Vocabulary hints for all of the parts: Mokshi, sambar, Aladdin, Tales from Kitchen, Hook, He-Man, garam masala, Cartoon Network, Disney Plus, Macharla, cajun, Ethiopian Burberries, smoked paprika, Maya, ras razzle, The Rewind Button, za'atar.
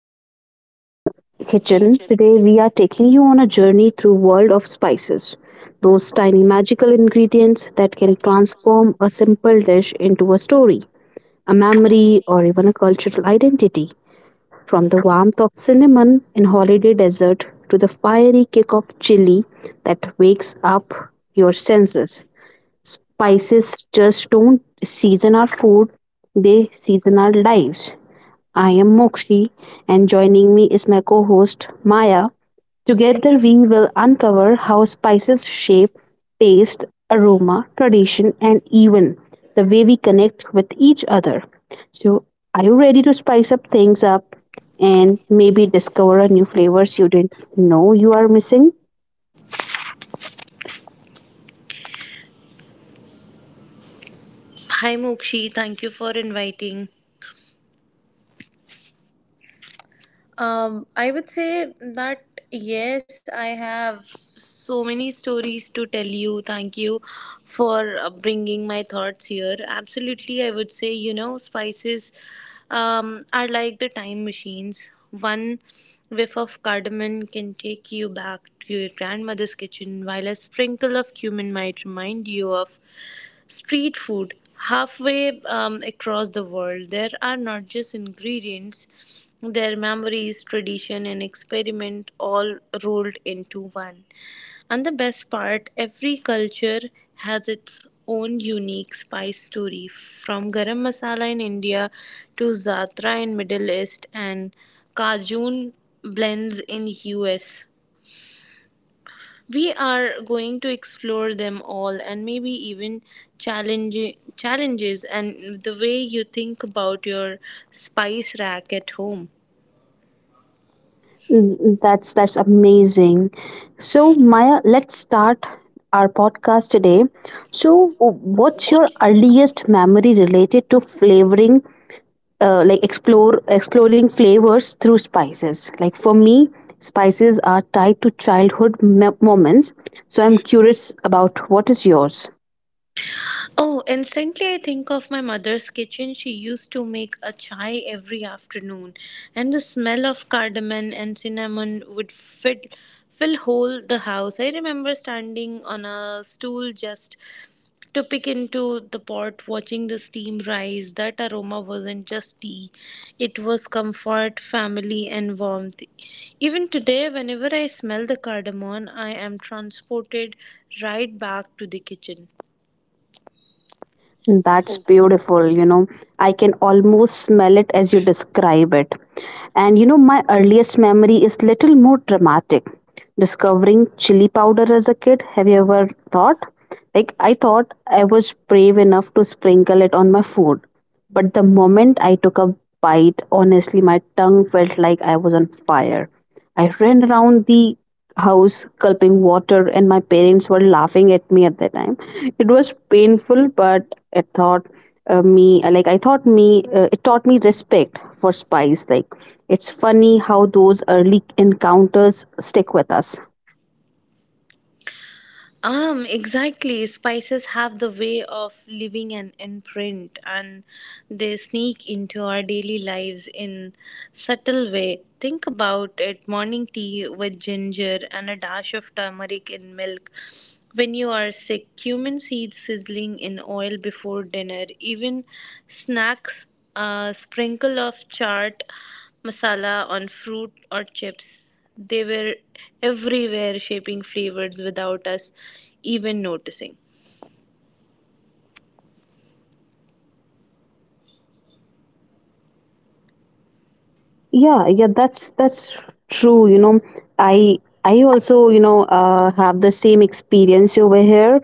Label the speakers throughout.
Speaker 1: Welcome to Tales from Kitchen. Today we are taking you on a journey through world of spices. Those tiny magical ingredients that can transform a simple dish into a story, a memory or even a cultural identity. From the warmth of cinnamon in holiday desert to the fiery kick of chili that wakes up your senses. Spices just don't season our food, they season our lives. I am Mokshi, and joining me is my co host Maya. Together, we will uncover how spices shape taste, aroma, tradition, and even the way we connect with each other. So, are you ready to spice up things up and maybe discover a new flavors you didn't know you are missing?
Speaker 2: Hi Mokshi, thank you for inviting. I would say that yes, I have so many stories to tell you. Thank you for bringing my thoughts here. Absolutely, I would say, you know, spices are like the time machines. One whiff of cardamom can take you back to your grandmother's kitchen, while a sprinkle of cumin might remind you of street food halfway across the world. There are not just ingredients, their memories, tradition, and experiment all rolled into one. And the best part, every culture has its own unique spice story, from garam masala in India to za'atar in Middle East and cajun blends in US. We are going to explore them all and maybe even challenge challenges and the way you think about your spice rack at home.
Speaker 1: Mm, that's amazing. So Maya, let's start our podcast today. So, what's your earliest memory related to flavoring? Like explore exploring flavors through spices. Like for me, spices are tied to childhood moments. So I'm curious about what is yours.
Speaker 2: Oh, instantly I think of my mother's kitchen. She used to make a chai every afternoon, and the smell of cardamom and cinnamon would fit fill whole the house. I remember standing on a stool just to pick into the pot, watching the steam rise. That aroma wasn't just tea, it was comfort, family, and warmth. Even today, whenever I smell the cardamom, I am transported right back to the kitchen.
Speaker 1: That's beautiful, you know. I can almost smell it as you describe it. And you know, my earliest memory is little more dramatic. Discovering chili powder as a kid, have you ever thought? Like I thought I was brave enough to sprinkle it on my food. But the moment I took a bite, honestly, my tongue felt like I was on fire. I ran around the house gulping water, and my parents were laughing at me at that time. It was painful, but it thought me like I thought me it taught me respect for spice. Like it's funny how those early encounters stick with us.
Speaker 2: Exactly. Spices have the way of leaving an imprint, and they sneak into our daily lives in subtle way. Think about it: morning tea with ginger and a dash of turmeric in milk. When you are sick, cumin seeds sizzling in oil before dinner, even snacks, a sprinkle of chart masala on fruit or chips. They were everywhere, shaping flavors without us even noticing.
Speaker 1: Yeah, that's true, you know. I i also, you know, have the same experience over here.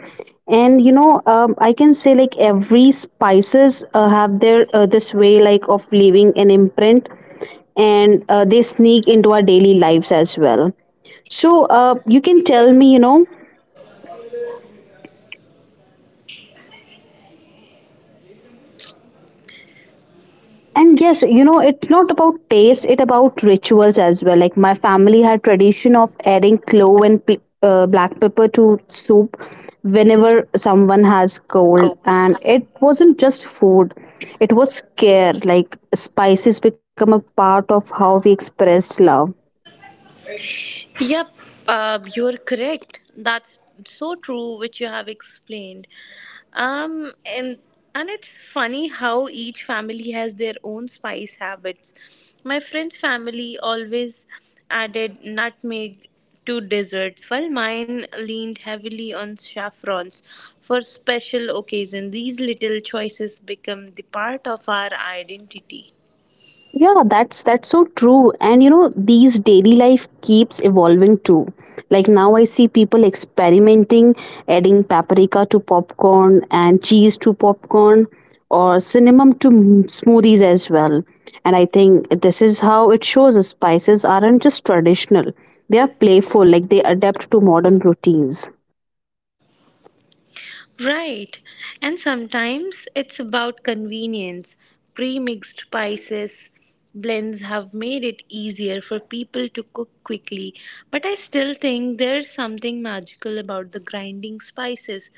Speaker 1: And you know, I can say like every spices have their this way like of leaving an imprint, and they sneak into our daily lives as well. So you can tell me, you know. And yes, you know, it's not about taste, it about rituals as well. Like my family had tradition of adding clove and black pepper to soup whenever someone has cold, and it wasn't just food, it was care. Like spices become a part of how we expressed love.
Speaker 2: Yep, you are correct. That's so true, which you have explained. Um, and and it's funny how each family has their own spice habits. My friend's family always added nutmeg to desserts, while mine leaned heavily on saffrons for special occasion. These little choices become the part of our identity.
Speaker 1: Yeah, that's so true. And you know, these daily life keeps evolving too. Like now I see people experimenting, adding paprika to popcorn and cheese to popcorn or cinnamon to smoothies as well. And I think this is how it shows us spices aren't just traditional. They are playful, like they adapt to modern routines.
Speaker 2: Right. And sometimes it's about convenience. Pre mixed spices blends have made it easier for people to cook quickly. But I still think there's something magical about the grinding spices.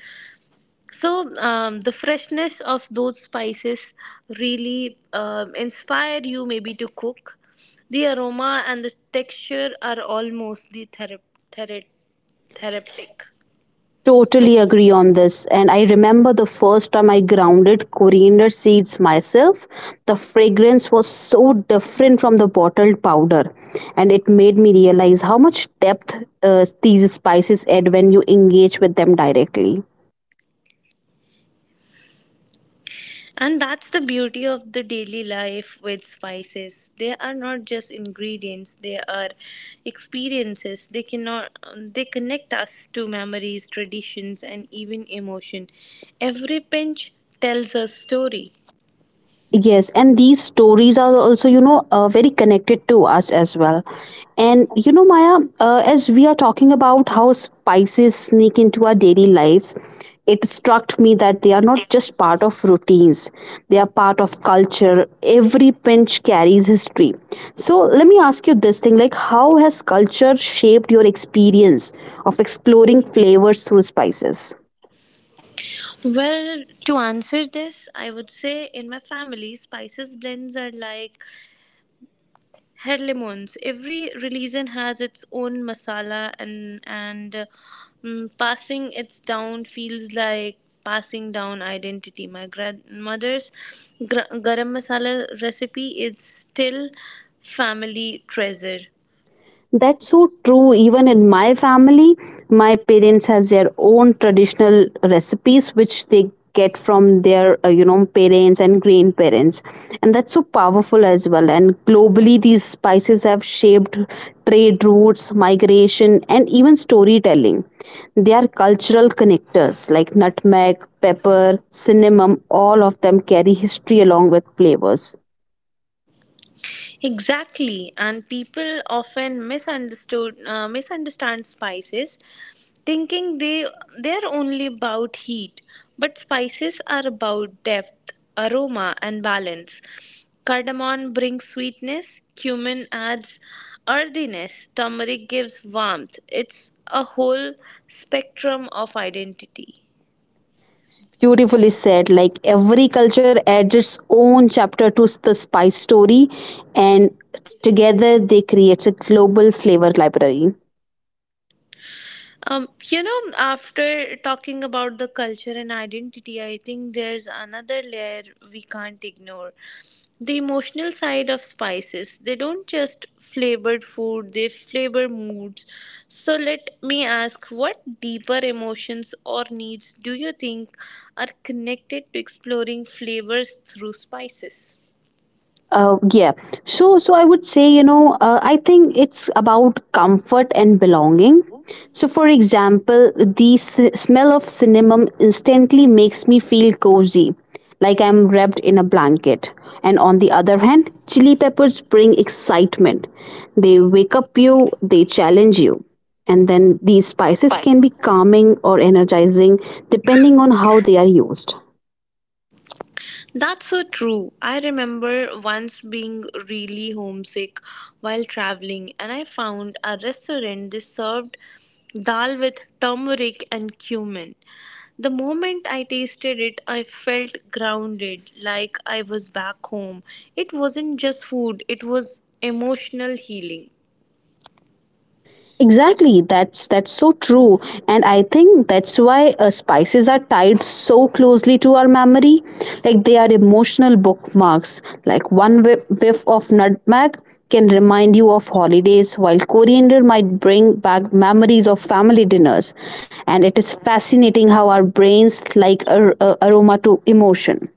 Speaker 2: So, the freshness of those spices really inspire you maybe to cook. The aroma and the texture are almost the thera- therapeutic.
Speaker 1: Totally agree on this. And I remember the first time I grounded coriander seeds myself. The fragrance was so different from the bottled powder, and it made me realize how much depth these spices add when you engage with them directly.
Speaker 2: And that's the beauty of the daily life with spices. They are not just ingredients, they are experiences. They cannot they connect us to memories, traditions, and even emotion. Every pinch tells a story.
Speaker 1: Yes, and these stories are also, you know, very connected to us as well. And you know, Maya, as we are talking about how spices sneak into our daily lives, it struck me that they are not just part of routines, they are part of culture. Every pinch carries history. So, let me ask you this thing like, how has culture shaped your experience of exploring flavors through spices?
Speaker 2: Well, to answer this, I would say in my family, spices blends are like Head lemons. Every religion has its own masala, and passing it down feels like passing down identity. My grandmother's garam masala recipe is still family treasure.
Speaker 1: That's so true, even in my family my parents has their own traditional recipes which they get from their you know parents and grandparents, and that's so powerful as well. And globally these spices have shaped trade routes, migration, and even storytelling. They are cultural connectors, like nutmeg, pepper, cinnamon, all of them carry history along with flavors.
Speaker 2: Exactly, and people often misunderstood misunderstand spices, thinking they're only about heat, but spices are about depth, aroma, and balance. Cardamom brings sweetness, cumin adds earthiness, turmeric gives warmth. It's a whole spectrum of identity.
Speaker 1: Beautifully said, like every culture adds its own chapter to the spice story, and together they create a global flavor library.
Speaker 2: You know, after talking about the culture and identity, I think there's another layer we can't ignore: the emotional side of spices. They don't just flavored food, they flavor moods. So let me ask, what deeper emotions or needs do you think are connected to exploring flavors through spices?
Speaker 1: Uh, yeah. So I would say, you know, I think it's about comfort and belonging. So, for example, the smell of cinnamon instantly makes me feel cozy, like I'm wrapped in a blanket. And on the other hand, chili peppers bring excitement. They wake up you, they challenge you. And then these spices can be calming or energizing depending on how they are used.
Speaker 2: That's so true. I remember once being really homesick while traveling, and I found a restaurant that served dal with turmeric and cumin. The moment I tasted it, I felt grounded, like I was back home. It wasn't just food, it was emotional healing.
Speaker 1: Exactly, that's so true, and I think that's why spices are tied so closely to our memory. Like they are emotional bookmarks. Like one whiff of nutmeg can remind you of holidays, while coriander might bring back memories of family dinners. And it is fascinating how our brains like aroma to emotion.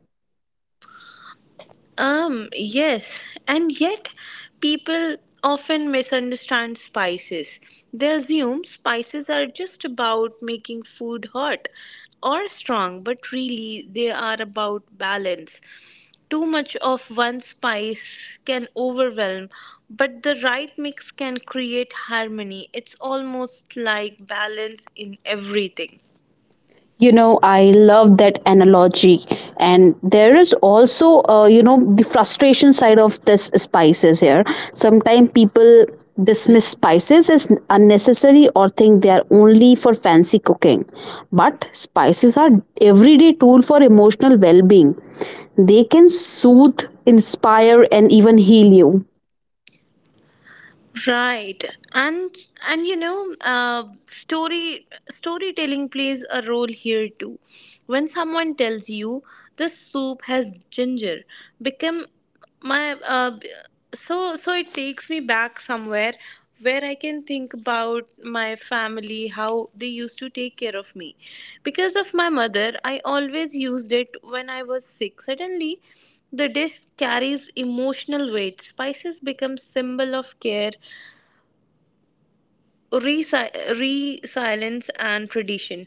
Speaker 2: Yes, and yet people often misunderstand spices. They assume spices are just about making food hot or strong, but really they are about balance. Too much of one spice can overwhelm, but the right mix can create harmony. It's almost like balance in everything.
Speaker 1: You know, I love that analogy. And there is also, you know, the frustration side of this spices here. Sometimes people dismiss spices as unnecessary or think they are only for fancy cooking, but spices are everyday tool for emotional well-being. They can soothe, inspire, and even heal you.
Speaker 2: Right, and and storytelling plays a role here too. When someone tells you this soup has ginger, become my b- so so it takes me back somewhere where I can think about my family, how they used to take care of me. Because of my mother, I always used it when I was sick. Suddenly, the dish carries emotional weight. Spices become symbol of care, resilience, and tradition.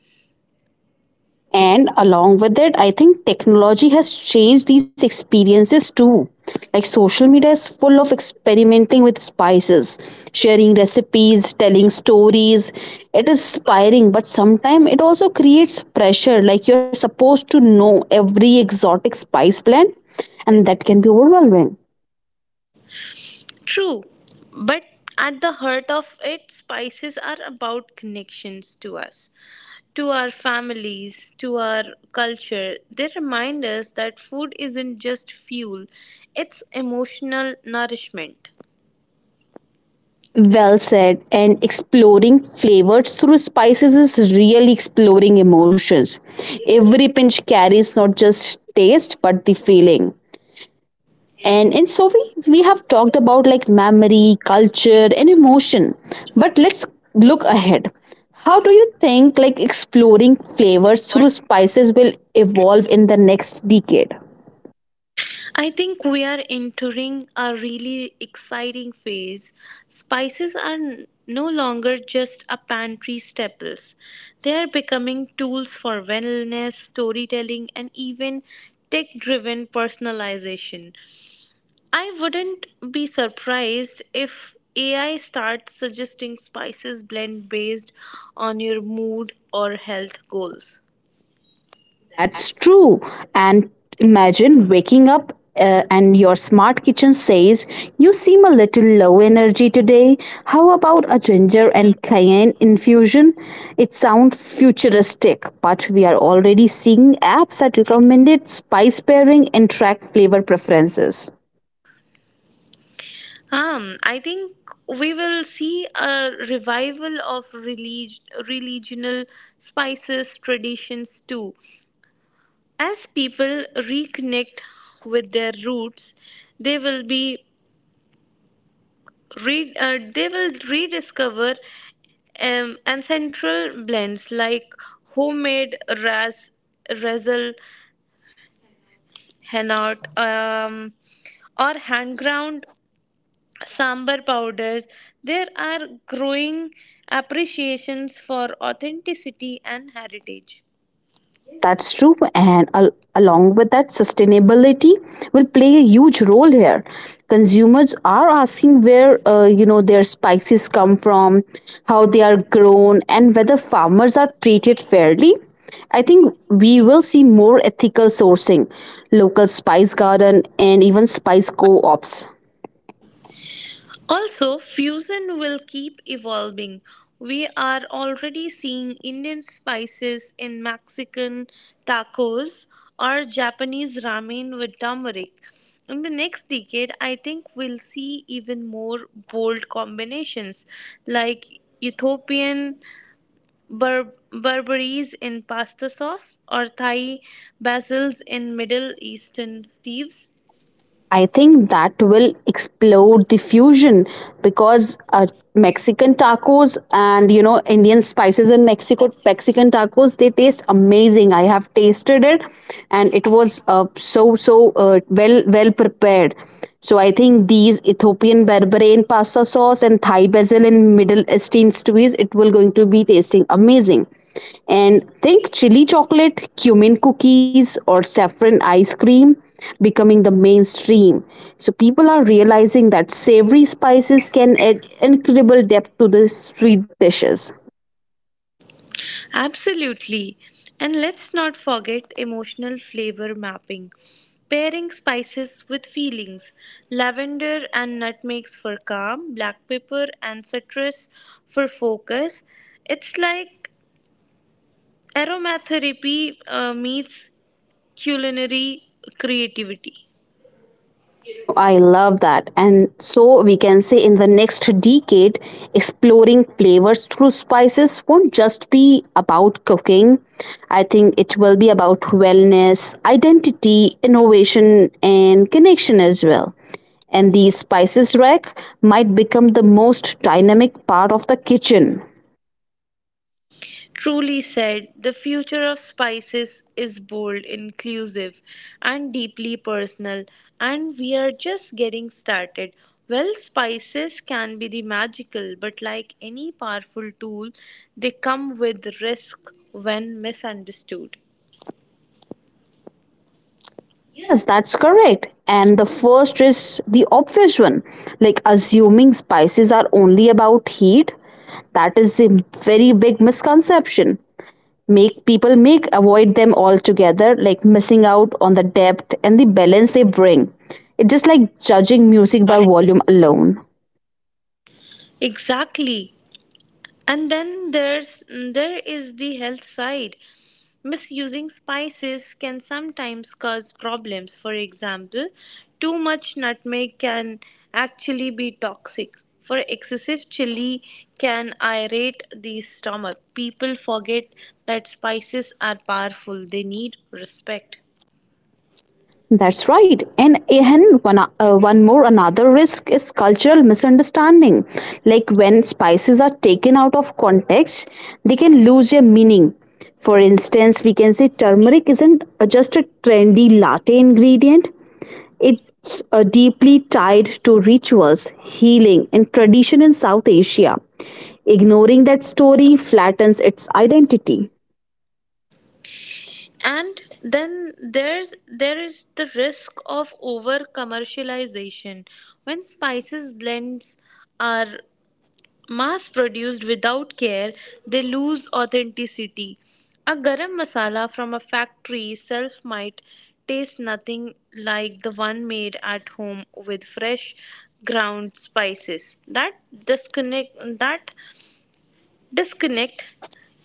Speaker 1: And along with it, I think technology has changed these experiences too. Like social media is full of experimenting with spices, sharing recipes, telling stories. It is inspiring, but sometimes it also creates pressure. Like you're supposed to know every exotic spice blend, and that can be overwhelming.
Speaker 2: True, but at the heart of it, spices are about connections to us, to our families, to our culture. They remind us that food isn't just fuel, it's emotional nourishment.
Speaker 1: Well said. And exploring flavors through spices is really exploring emotions. Every pinch carries not just taste but the feeling. And so we have talked about like memory, culture, and emotion. But let's look ahead. How do you think like exploring flavors through spices will evolve in the next decade?
Speaker 2: I think we are entering a really exciting phase. Spices are no longer just a pantry staples. They are becoming tools for wellness, storytelling, and even tech-driven personalization. I wouldn't be surprised if AI starts suggesting spices blend based on your mood or health goals.
Speaker 1: That's true. And imagine waking up and your smart kitchen says, you seem a little low energy today. How about a ginger and cayenne infusion? It sounds futuristic, but we are already seeing apps that recommended spice pairing and track flavor preferences.
Speaker 2: I think we will see a revival of religional spices traditions too. As people reconnect with their roots, they will be they will rediscover ancestral blends like homemade ras razzle, henna, or hand ground sambar powders. There are growing appreciations for authenticity and heritage.
Speaker 1: Yes, that's true. And along with that, sustainability will play a huge role here. Consumers are asking where you know their spices come from, how they are grown, and whether farmers are treated fairly. I think we will see more ethical sourcing, local spice garden, and even spice co-ops.
Speaker 2: Also, fusion will keep evolving. We are already seeing Indian spices in Mexican tacos or Japanese ramen with turmeric. In the next decade, I think we'll see even more bold combinations like Ethiopian Burberries in pasta sauce or Thai basils in Middle Eastern stews?
Speaker 1: I think that will explode the fusion because Mexican tacos and you know Indian spices in Mexico Mexican tacos they taste amazing. I have tasted it and it was so well prepared. So I think these Ethiopian berbere in pasta sauce and Thai basil in Middle Eastern stews it will going to be tasting amazing. And think chili chocolate, cumin cookies or saffron ice cream becoming the mainstream. So people are realizing that savory spices can add incredible depth to the sweet dishes.
Speaker 2: Absolutely. And let's not forget emotional flavor mapping: pairing spices with feelings. Lavender and nutmegs for calm, black pepper and citrus for focus. It's like aromatherapy meets culinary creativity.
Speaker 1: You know, I love that. And so we can say in the next decade, exploring flavors through spices won't just be about cooking. I think it will be about wellness, identity, innovation, and connection as well, and the spices rack might become the most dynamic part of the kitchen.
Speaker 2: Truly said, the future of spices is bold, inclusive, and deeply personal, and we are just getting started. Well, spices can be the magical, but like any powerful tool, they come with risk when misunderstood.
Speaker 1: Yes, that's correct. And the first is the obvious one, like assuming spices are only about heat. That is a very big misconception. Make people make avoid them altogether, like missing out on the depth and the balance they bring. It's just like judging music by volume alone.
Speaker 2: Exactly. And then there is the health side. Misusing spices can sometimes cause problems. For example, too much nutmeg can actually be toxic, for excessive chili can irate the stomach. People forget that spices are powerful, they need respect.
Speaker 1: That's right. And one more another risk is cultural misunderstanding. Like when spices are taken out of context, they can lose their meaning. For instance, we can say turmeric isn't just a trendy latte ingredient, it's deeply tied to rituals, healing, and tradition in South Asia. Ignoring that story flattens its identity.
Speaker 2: And then there is the risk of over commercialization. When spices blends are mass produced without care, they lose authenticity. A garam masala from a factory self might taste nothing like the one made at home with fresh ground spices. That disconnect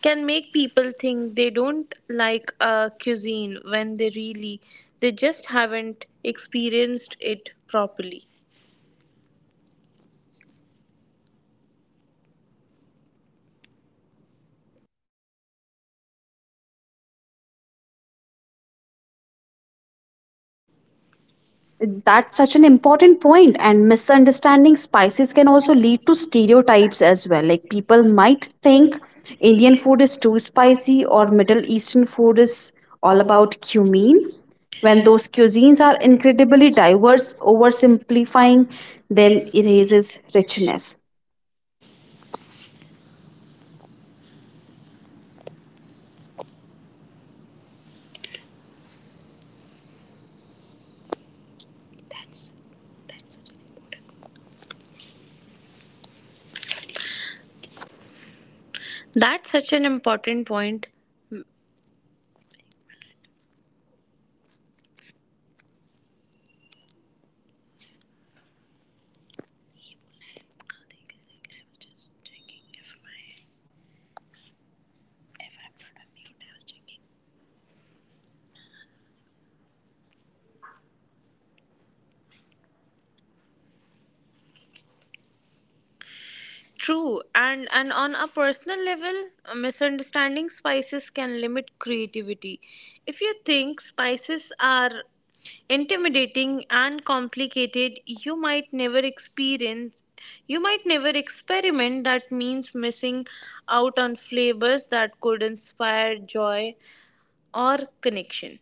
Speaker 2: can make people think they don't like a cuisine when they really they just haven't experienced it properly.
Speaker 1: That's such an important point, and misunderstanding spices can also lead to stereotypes as well. Like people might think Indian food is too spicy or Middle Eastern food
Speaker 2: Is
Speaker 1: is all
Speaker 2: all about
Speaker 1: about cumin,
Speaker 2: me.
Speaker 1: when
Speaker 2: When those
Speaker 1: those cuisines
Speaker 2: things
Speaker 1: are
Speaker 2: are included,
Speaker 1: incredibly
Speaker 2: that
Speaker 1: diverse,
Speaker 2: was oversimplifying
Speaker 1: oversimplifying them
Speaker 2: their.
Speaker 1: erases richness.
Speaker 2: That's such an important point. True, and on a personal level, misunderstanding spices can limit creativity. If you think spices are intimidating and complicated, you might never experiment. That means missing out on flavors that could inspire joy or connection.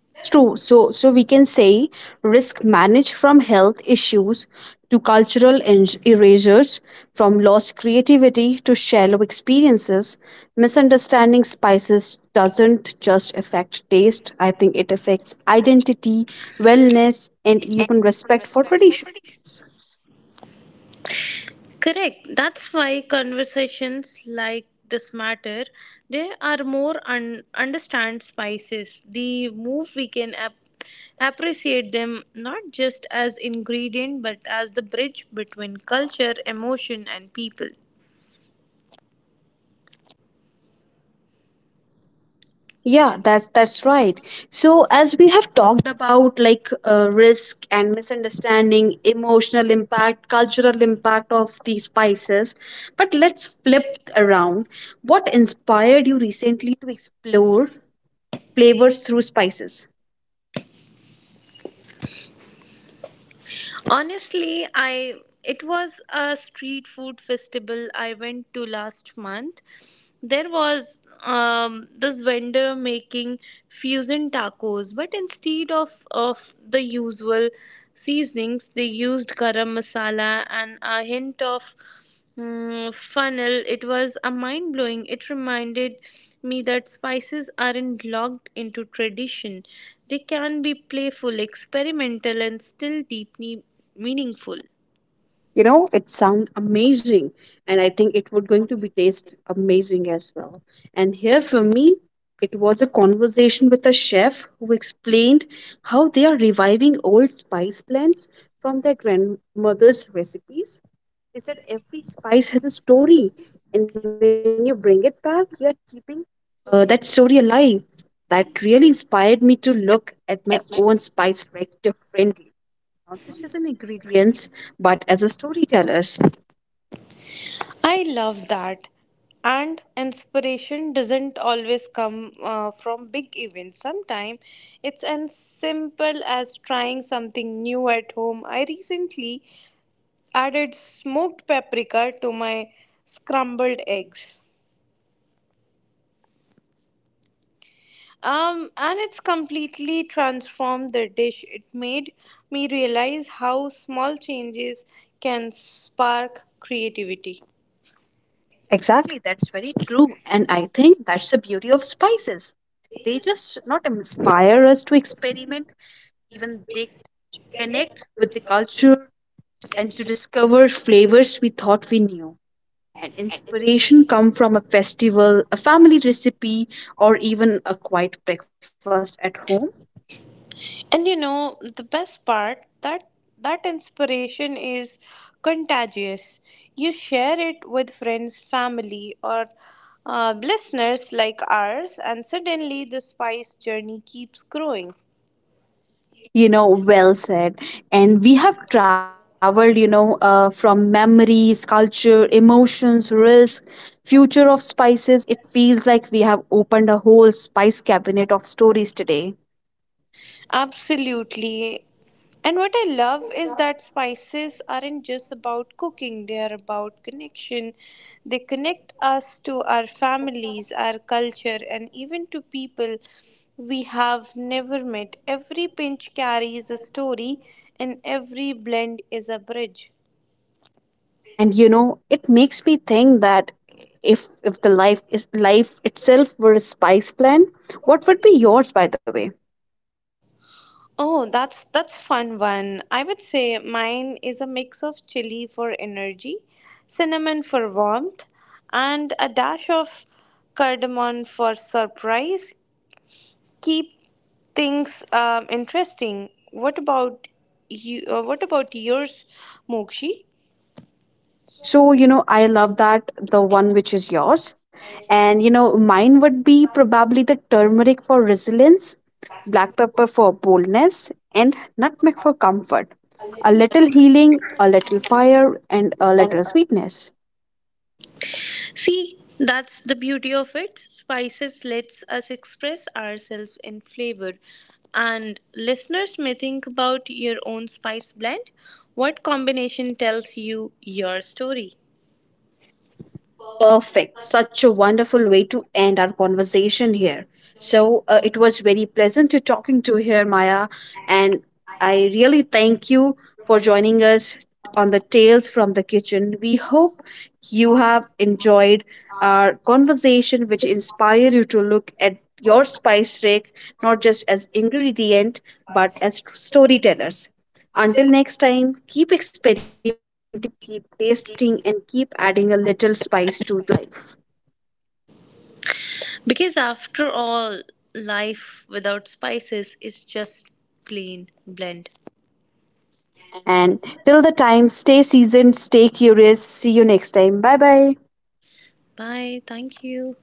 Speaker 1: That's true. So, so we can say risk managed from health issues to cultural erasures, from lost creativity to shallow experiences. Misunderstanding spices doesn't just affect taste. I think it affects identity, wellness, and even respect for traditions.
Speaker 2: Correct. That's why conversations like this matter. They are more understand spices. The move we can appreciate them not just as ingredient but as the bridge between culture, emotion, and people.
Speaker 1: Yeah, that's right. So as we have talked about like risk and misunderstanding, emotional impact, cultural impact of these spices, but let's flip around. What inspired you recently to explore flavors through spices?
Speaker 2: Honestly, I it was a street food festival I went to last month. There was this vendor making fusion tacos, but instead of the usual seasonings, they used garam masala and a hint of funnel. It was a mind blowing. It reminded me that spices aren't locked into tradition. They can be playful, experimental, and still deeply meaningful.
Speaker 1: You know, it sound amazing, and I think it would going to be taste amazing as well. And here for me it was a conversation with a chef who explained how they are reviving old spice blends from their grandmother's recipes. They said every spice has a story, and when you bring it back you're keeping that story alive. That really inspired me to look at my own spice rack differently, not just as an ingredients but as a storytellers.
Speaker 2: I love that. And inspiration doesn't always come from big events. Sometimes it's as simple as trying something new at home. I recently added smoked paprika to my scrambled eggs. And it's completely transformed the dish. It made me realize how small changes can spark creativity.
Speaker 1: Exactly, that's very true, and I think that's the beauty of spices. They just not inspire us to experiment, even they connect with the culture and to discover flavors we thought we knew. And inspiration come from a festival, a family recipe, or even a quiet breakfast at home.
Speaker 2: And you know, the best part that that inspiration is contagious. You share it with friends, family, or listeners like ours, and suddenly the spice journey keeps growing.
Speaker 1: You know, well said. And we have traveled, you know, from memories, culture, emotions, risk, future of spices. It feels like we have opened a whole spice cabinet of stories today.
Speaker 2: Absolutely. And what I love is that spices aren't just about cooking, they are about connection. They connect us to our families, our culture, and even to people we have never met. Every pinch carries a story, and every blend is a bridge.
Speaker 1: And you know, it makes me think that if the life is life itself were a spice blend, what would be yours, by the way?
Speaker 2: Oh, that's fun one. I would say mine is a mix of chili for energy, cinnamon for warmth, and a dash of cardamom for surprise. Keep things interesting. What about you? What about yours, Mokshi?
Speaker 1: So, you know, I love that the one which is yours. And, you know, mine would be probably the turmeric for resilience, black pepper for boldness, and nutmeg for comfort. A little healing, a little fire, and a little sweetness.
Speaker 2: See, that's the beauty of it. Spices lets us express ourselves in flavor. And listeners may think about your own spice blend. What combination tells you your story?
Speaker 1: Perfect. Such a wonderful way to end our conversation here. So it was very pleasant to talking to here, Maya, and I really thank you for joining us on the Tales from the Kitchen. We hope you have enjoyed our conversation, which inspire you to look at your spice rack not just as ingredient but as storytellers. Until next time, keep experimenting, keep tasting, and keep adding a little spice to life.
Speaker 2: Because after all, life without spices is just plain blend.
Speaker 1: And till the time, stay seasoned, stay curious. See you next time. Bye bye.
Speaker 2: Bye. Thank you.